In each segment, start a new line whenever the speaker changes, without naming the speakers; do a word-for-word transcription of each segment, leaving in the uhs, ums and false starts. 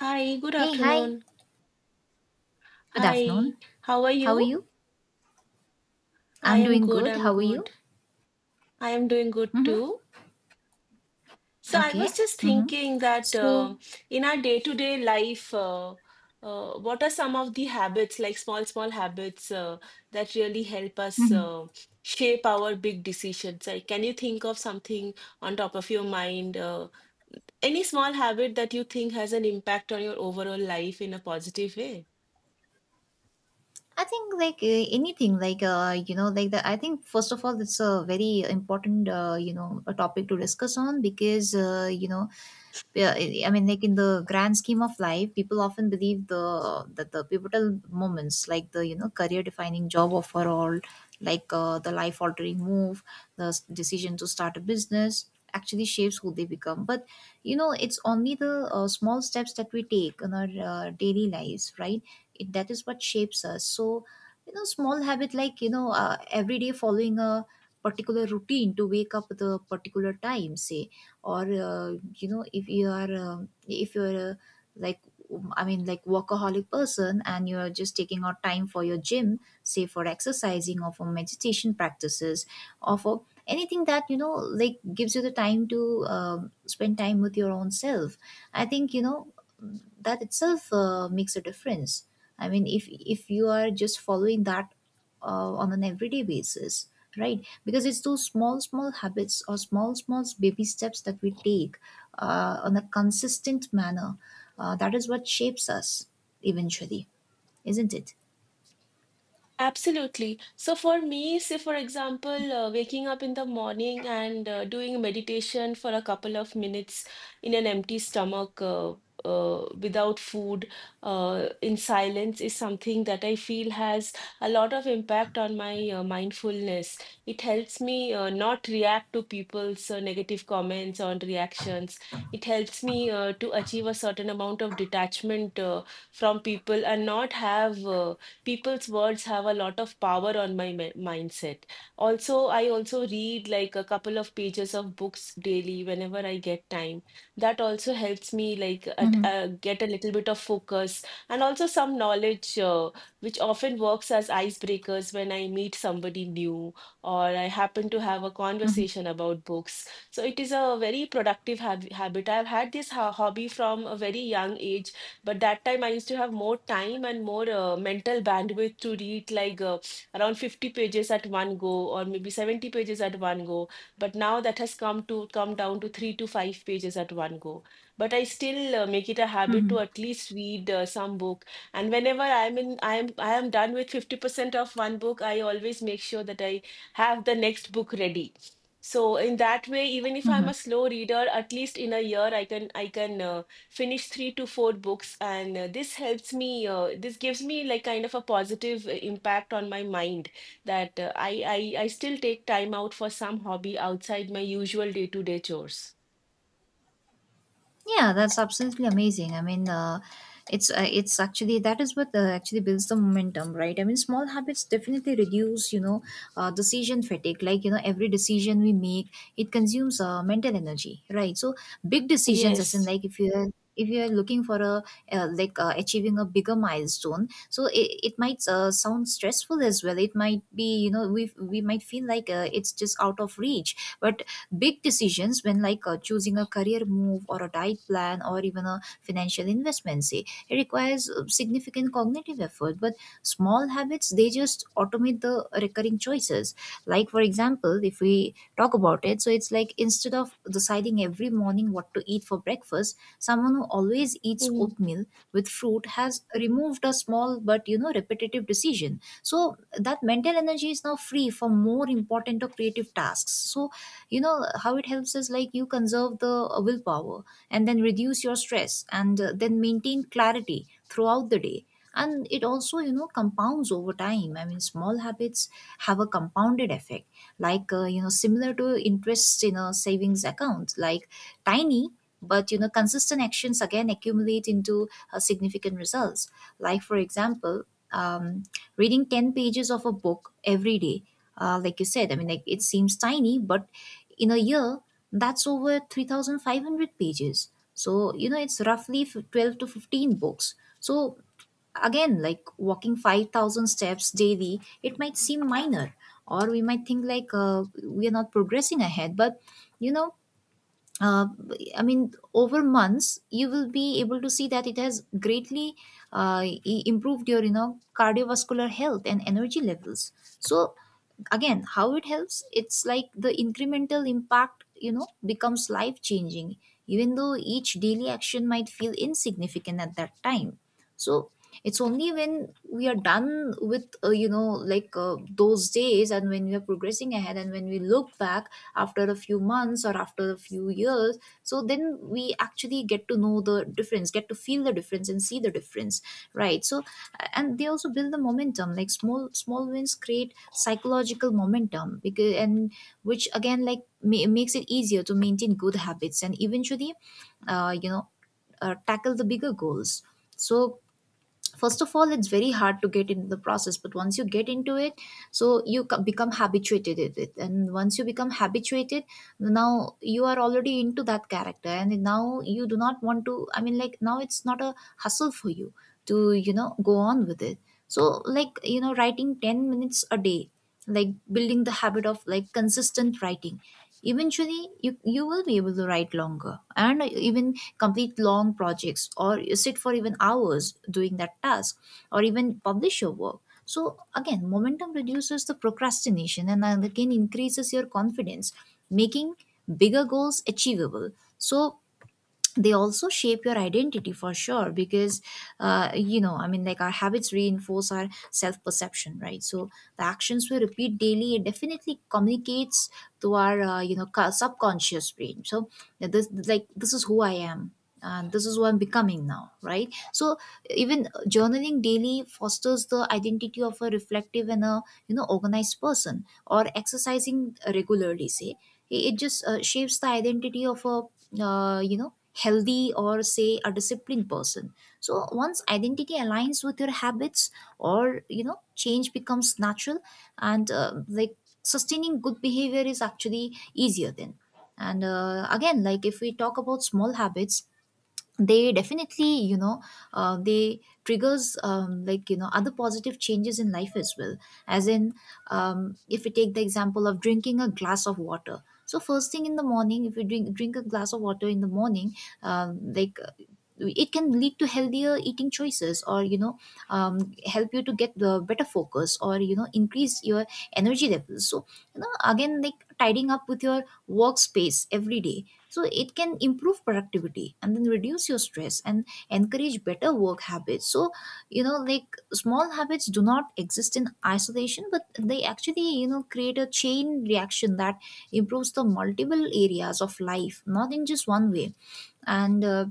Hi, good
Hey, hi.
afternoon.
Good
Hi,
afternoon.
how are
How are
you?
you?
I
I'm
am
doing
good,
good.
I'm
How are you?
good. I am doing good
Mm-hmm.
too. So I
Okay.
was just
Mm-hmm.
thinking that
So,
um in our day-to-day life, uh, uh, what are some of the habits, like small, small habits, uh, that really help us
mhm.
uh, shape our big decisions? Like, can you think of something on top of your mind? Uh, any small habit that you think has an impact on your overall life in a positive way?
I think, like, uh, anything like uh, you know like the I think, first of all, it's a very important, uh, you know a topic to discuss on, because uh, you know yeah, I I mean, like, in the grand scheme of life, people often believe the that the pivotal moments, like the you know career defining job offer, or like uh, the life altering move, the s- decision to start a business, actually shapes who they become. But you know, it's only the uh, small steps that we take in our uh, daily lives, right? It, that is what shapes us. So, you know, small habit, like, you know, uh, every day following a particular routine, to wake up at a particular time, say, or uh, you know, if you are, um if you're a, like, um, I mean, like, workaholic person, and you're just taking out time for your gym, say for exercising, or for meditation practices, or for anything that, you know, like gives you the time to, um, spend time with your own self. I think, you know, that itself uh, makes a difference. I mean, if if you are just following that uh, on an everyday basis, right? Because it's those small, small habits or small, small baby steps that we take uh, on a consistent manner. Uh, that is what shapes us eventually, isn't it?
Absolutely. So for me, say for example, uh, waking up in the morning and uh, doing meditation for a couple of minutes in an empty stomach, uh, uh, without food, uh, in silence is something that I feel has a lot of impact on my uh, mindfulness. It helps me uh, not react to people's uh, negative comments or reactions. It helps me uh, to achieve a certain amount of detachment uh, from people and not have uh, people's words have a lot of power on my mi- mindset. Also, I also read like a couple of pages of books daily whenever I get time. That also helps me like at,
Mm-hmm.
uh, get a little bit of focus and also some knowledge, uh, which often works as icebreakers when I meet somebody new or I happen to have a
Mm-hmm.
conversation about books. So it is a very productive hab habit. I've had this ho hobby from a very young age, but that time I used to have more time and more uh, mental bandwidth to read like uh, around fifty pages at one go or maybe seventy pages at one go. But now that has come to come down to three to five pages at one go. But I still uh, make it a habit to
Mm-hmm.
at least read uh, some book. And whenever I'm in, I'm I am done with fifty percent of one book, I always make sure that I have the next book ready. So in that way, even if I'm a slow reader, at least in a year I can I can uh, finish three to four books, and uh, this helps me uh, this gives me like kind of a positive uh, impact on my mind that uh, I, I i still take time out for some hobby outside my usual day-to-day chores.
Yeah, that's absolutely amazing. I mean, uh, it's uh, it's actually that is what uh, actually builds the momentum, right? I mean, small habits definitely reduce, you know, uh, decision fatigue. Like, you know, every decision we make, it consumes uh, mental energy, right? So big decisions, as in,
Yes.
like, if you are if you are looking for a, uh, like uh, achieving a bigger milestone, so it, it might uh, sound stressful as well. It might be, you know, we we might feel like uh, it's just out of reach. But big decisions when, like, uh, choosing a career move or a diet plan or even a financial investment, say, it requires uh, significant cognitive effort. But small habits, they just automate the recurring choices, like for example, if we talk about it, so it's like instead of deciding every morning what to eat for breakfast, someone who always eats
Mhm.
oatmeal with fruit has removed a small but, you know, repetitive decision. So that mental energy is now free for more important or creative tasks. So, you know, how it helps is like, you conserve the uh, willpower, and then reduce your stress, and uh, then maintain clarity throughout the day. And it also, you know, compounds over time. I mean, small habits have a compounded effect, like uh, you know, similar to interest in a savings account. Like, tiny but, you know, consistent actions again accumulate into uh, significant results. Like for example, um, reading ten pages of a book every day, uh, like you said, I mean, like, it seems tiny, but in a year, that's over three thousand five hundred pages. So, you know, it's roughly f- twelve to fifteen books. So, again like walking five thousand steps daily, it might seem minor, or we might think, like, uh, we are not progressing ahead. But you know, uh, I mean, over months, you will be able to see that it has greatly uh, i- improved your, you know, cardiovascular health and energy levels. So, again, how it helps? It's like the incremental impact, you know, becomes life changing, even though each daily action might feel insignificant at that time. So, it's only when we are done with, uh, you know, like uh, those days, and when we are progressing ahead, and when we look back after a few months or after a few years, so then we actually get to know the difference, get to feel the difference, and see the difference, right? So, and they also build the momentum. Like, small small wins create psychological momentum, because and which again, like, ma- makes it easier to maintain good habits and eventually, uh, you know uh, tackle the bigger goals. So, first of all, it's very hard to get into the process, but once you get into it, so you co- become habituated with it. And once you become habituated, now you are already into that character, and now you do not want to, I mean, like, now it's not a hustle for you to, you know, go on with it. So, like, you know, writing ten minutes a day, like building the habit of, like, consistent writing. Eventually, you you will be able to write longer and even complete long projects, or you sit for even hours doing that task, or even publish your work. So, again, momentum reduces the procrastination and again increases your confidence, making bigger goals achievable. So, they also shape your identity, for sure. Because uh, you know, I mean, like, our habits reinforce our self perception, right? So, the actions we repeat daily, it definitely communicates to our uh, you know, co- subconscious brain. So, this, like, this is who I am, and this is who I'm becoming now, right? So, even journaling daily fosters the identity of a reflective and a, you know, organized person. Or exercising regularly, say, it it just uh, shapes the identity of a, uh, you know, healthy or, say, a disciplined person. So, once identity aligns with your habits, or, you know, change becomes natural. And uh, like, sustaining good behavior is actually easier then. And uh, again, like if we talk about small habits, they definitely, you know, uh, they triggers, um, like, you know, other positive changes in life as well. As in, um, if we take the example of drinking a glass of water, so first thing in the morning, if you drink drink a glass of water in the morning, um, like, it can lead to healthier eating choices, or, you know, um, help you to get the better focus, or, you know, increase your energy levels. So, you know, again, like tidying up with your workspace every day, so it can improve productivity and then reduce your stress and encourage better work habits. So, you know, like small habits do not exist in isolation, but they actually, you know, create a chain reaction that improves the multiple areas of life, not in just one way. And uh,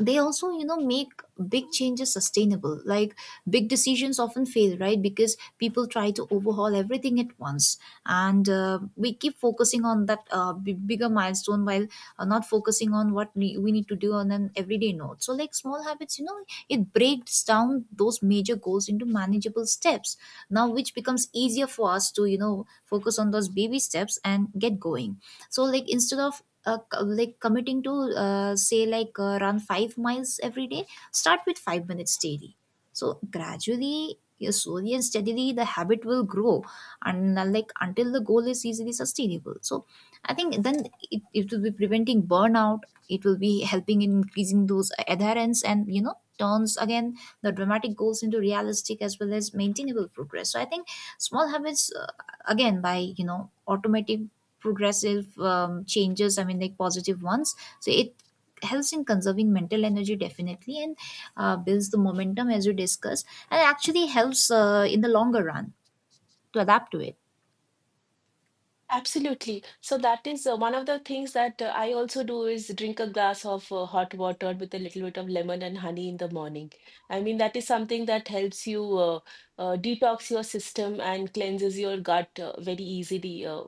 they also, you know, make big changes sustainable. Like, big decisions often fail, right, because people try to overhaul everything at once, and uh, we keep focusing on that uh, b- bigger milestone, while uh, not focusing on what ne- we need to do on an everyday note. So, like small habits, you know, it breaks down those major goals into manageable steps, now which becomes easier for us to, you know, focus on those baby steps and get going. So, like, instead of uh, co- like committing to, uh, say like, uh, run five miles every day, start with five minutes daily. So gradually, yeah, slowly and steadily, the habit will grow, and uh, like, until the goal is easily sustainable. So I think then, it, it will be preventing burnout. It will be helping in increasing those adherence, and, you know, turns, again, the dramatic goals into realistic as well as maintainable progress. So I think small habits, uh, again by, you know, automating progressive, um, changes, I mean, like, positive ones. So, it helps in conserving mental energy, definitely, and uh, builds the momentum as we discussed, and actually helps uh, in the longer run to adapt to it.
Absolutely, so that is uh, one of the things that uh, I also do is drink a glass of uh, hot water with a little bit of lemon and honey in the morning. I mean, that is something that helps you uh, uh, detox your system and cleanses your gut uh, very easily. Uh,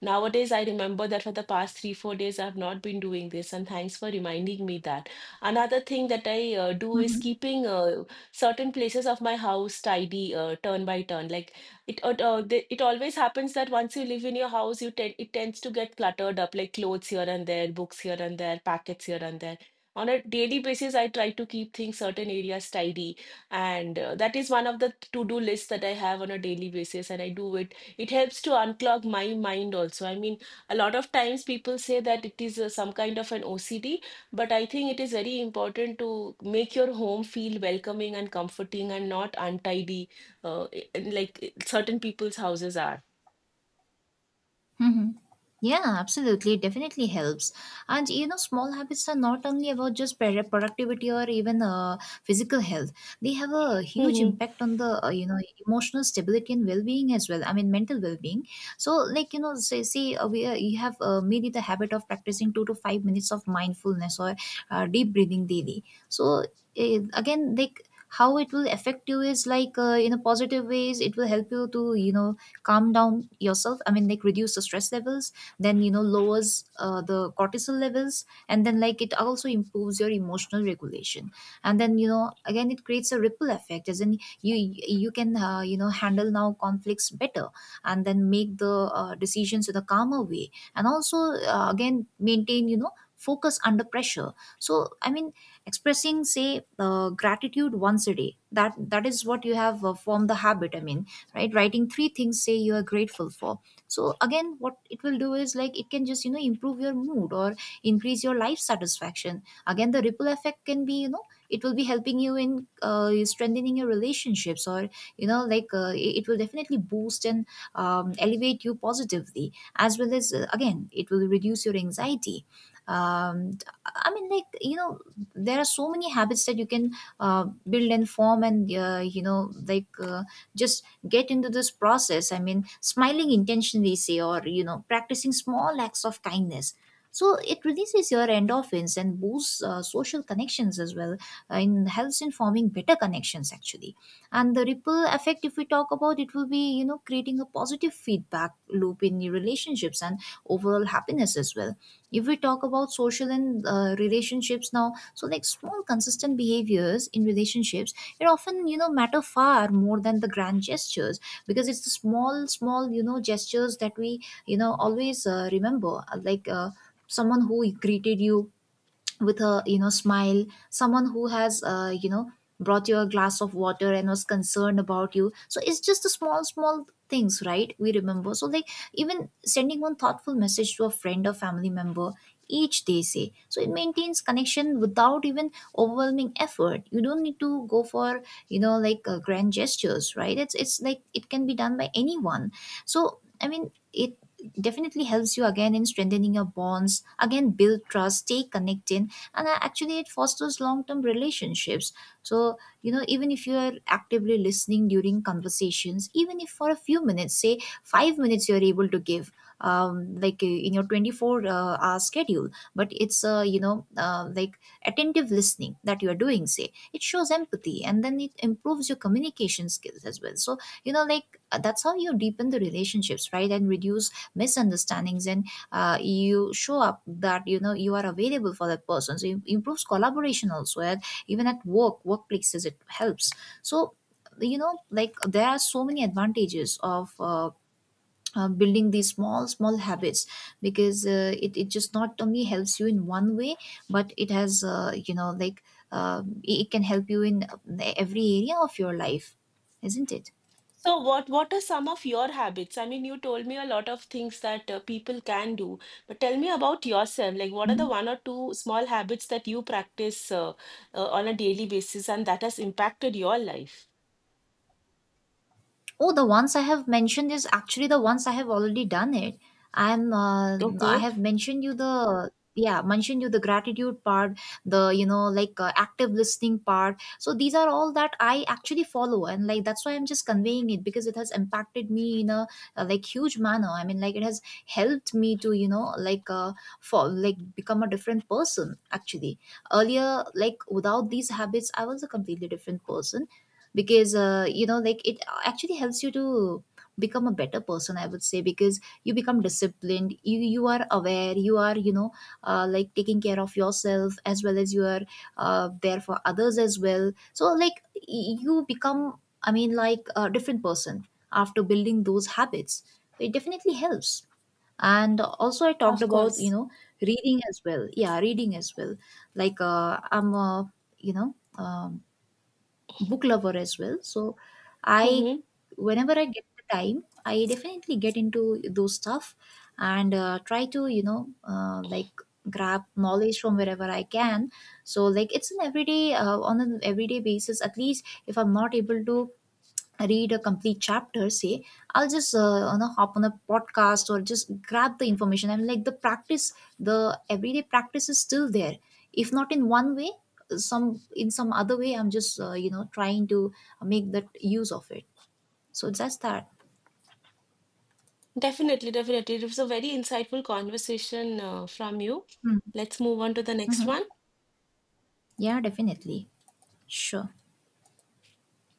Nowadays, I remember that for the past three, four days, I've not been doing this, and thanks for reminding me that. Another thing that I uh, do is
Mhm.
keeping uh, certain places of my house tidy, uh, turn by turn. Like, it, uh, uh, the- it always happens that once you live in your house, you tend it tends to get cluttered up, like clothes here and there, books here and there, packets here and there. On a daily basis, I try to keep things certain areas tidy, and uh, that is one of the to-do lists that I have on a daily basis, and I do it. It helps to unclog my mind also. I mean, a lot of times people say that it is uh, some kind of an O C D, but I think it is very important to make your home feel welcoming and comforting and not untidy, uh, i- like certain people's houses are.
Hmm. Yeah, absolutely. It definitely helps. And you know, small habits are not only about just pro- productivity or even uh, physical health. They have a huge
Mhm.
impact on the uh, you know, emotional stability and well-being as well. I mean, mental well-being. So, like, you know, say, say uh, we uh, you have, uh, made it a habit of practicing two to five minutes of mindfulness or uh, deep breathing daily. So, eh, again, like, how it will affect you is like uh, in a positive ways. It will help you to you know calm down yourself, i mean like reduce the stress levels, then you know lowers uh, the cortisol levels, and then like it also improves your emotional regulation. And then you know again, it creates a ripple effect, as in you you can uh, you know handle now conflicts better, and then make the uh, decisions in a calmer way, and also uh, again, maintain you know focus under pressure. So I mean, expressing, say, uh, gratitude once a day, that that is what you have uh, formed the habit. I mean, right, writing three things, say, you are grateful for. So again, what it will do is like, it can just you know improve your mood or increase your life satisfaction. Again, the ripple effect can be, you know it will be helping you in uh, strengthening your relationships, or you know like uh, it it will definitely boost and um, elevate you positively, as well as uh, again, it will reduce your anxiety. um, I mean, like, you know there are so many habits that you can uh, build and form, and uh, you know like, uh, just get into this process. I mean, smiling intentionally, say, or you know practicing small acts of kindness. So it releases your endorphins and boosts uh, social connections as well, uh, and helps in forming better connections, actually. And the ripple effect, if we talk about, it will be you know creating a positive feedback loop in your relationships and overall happiness as well. If we talk about social and uh, relationships now, so like, small consistent behaviors in relationships, it often you know matter far more than the grand gestures, because it's the small, small you know gestures that we you know always uh, remember. Uh, like uh, someone who greeted you with a you know smile, someone who has uh, you know brought you a glass of water and was concerned about you. So it's just the small, small things, right, we remember. So like, even sending one thoughtful message to a friend or family member each day, say, so it maintains connection without even overwhelming effort. You don't need to go for you know like uh, grand gestures, right? it's it's like, it can be done by anyone. So I mean, it definitely helps you, again, in strengthening your bonds, again, build trust, stay connected, and uh, actually, it fosters long-term relationships. So you know even if you are actively listening during conversations, even if for a few minutes, say five minutes, you're able to give um, like uh, in your twenty-four uh, hour schedule, but it's uh, you know uh, like, attentive listening that you are doing, say, it shows empathy and then it improves your communication skills as well. So you know like uh, that's how you deepen the relationships, right, and reduce misunderstandings, and uh, you show up, that you know you are available for that person. So it improves collaboration also, and even at work workplaces, it helps. So you know like, there are so many advantages of uh, uh, building these small, small habits, because uh, it, it just not only helps you in one way, but it has uh, you know like uh, it it can help you in uh, every area of your life, isn't it?
So what what are some of your habits? I mean, you told me a lot of things that uh, people can do, but tell me about yourself. Like, what are the
Mhm.
one or two small habits that you practice uh, uh, on a daily basis and that has impacted your
Oh, the ones I have mentioned is actually the ones I have already done it. I'm uh, I have
life?
mentioned you the, yeah, mentioned you the gratitude part, the you know like uh, active listening part. So these are all that I actually follow, and like, that's why I'm just conveying it, because it has impacted me in a uh, like huge manner. I mean, like, it has helped me to you know like uh, for like become a different person. Actually, earlier, like without these habits, I was a completely different person. Because uh, you know like, it actually helps you to become a better person, I would say. Because you become disciplined, you you are aware, you are, you know uh, like, taking care of yourself, as well as you are uh, there for others as well. So like, y- you become, I mean like, a different person after building those habits. So it definitely helps. And also, I talked
Of
about you
course.
know reading as well, yeah, reading as well. Like uh, I'm a, you know um, book lover as well. So I,
Hmm.
whenever I get the time, I definitely get into those stuff and uh, try to, you know, uh, like, grab knowledge from wherever I can. So like, it's an everyday, uh, on an everyday basis. At least if I'm not able to read a complete chapter, say, I'll just uh, you know hop on a podcast or just grab the information. I'm like, the practice, the everyday practice is still there. If not in one way, some in some other way, I'm just uh, you know trying to make that use of it. So that's that.
Definitely, definitely. It was a very insightful conversation uh, from you. Let's move on to the next
Mm-hmm.
one.
Yeah, definitely. Sure.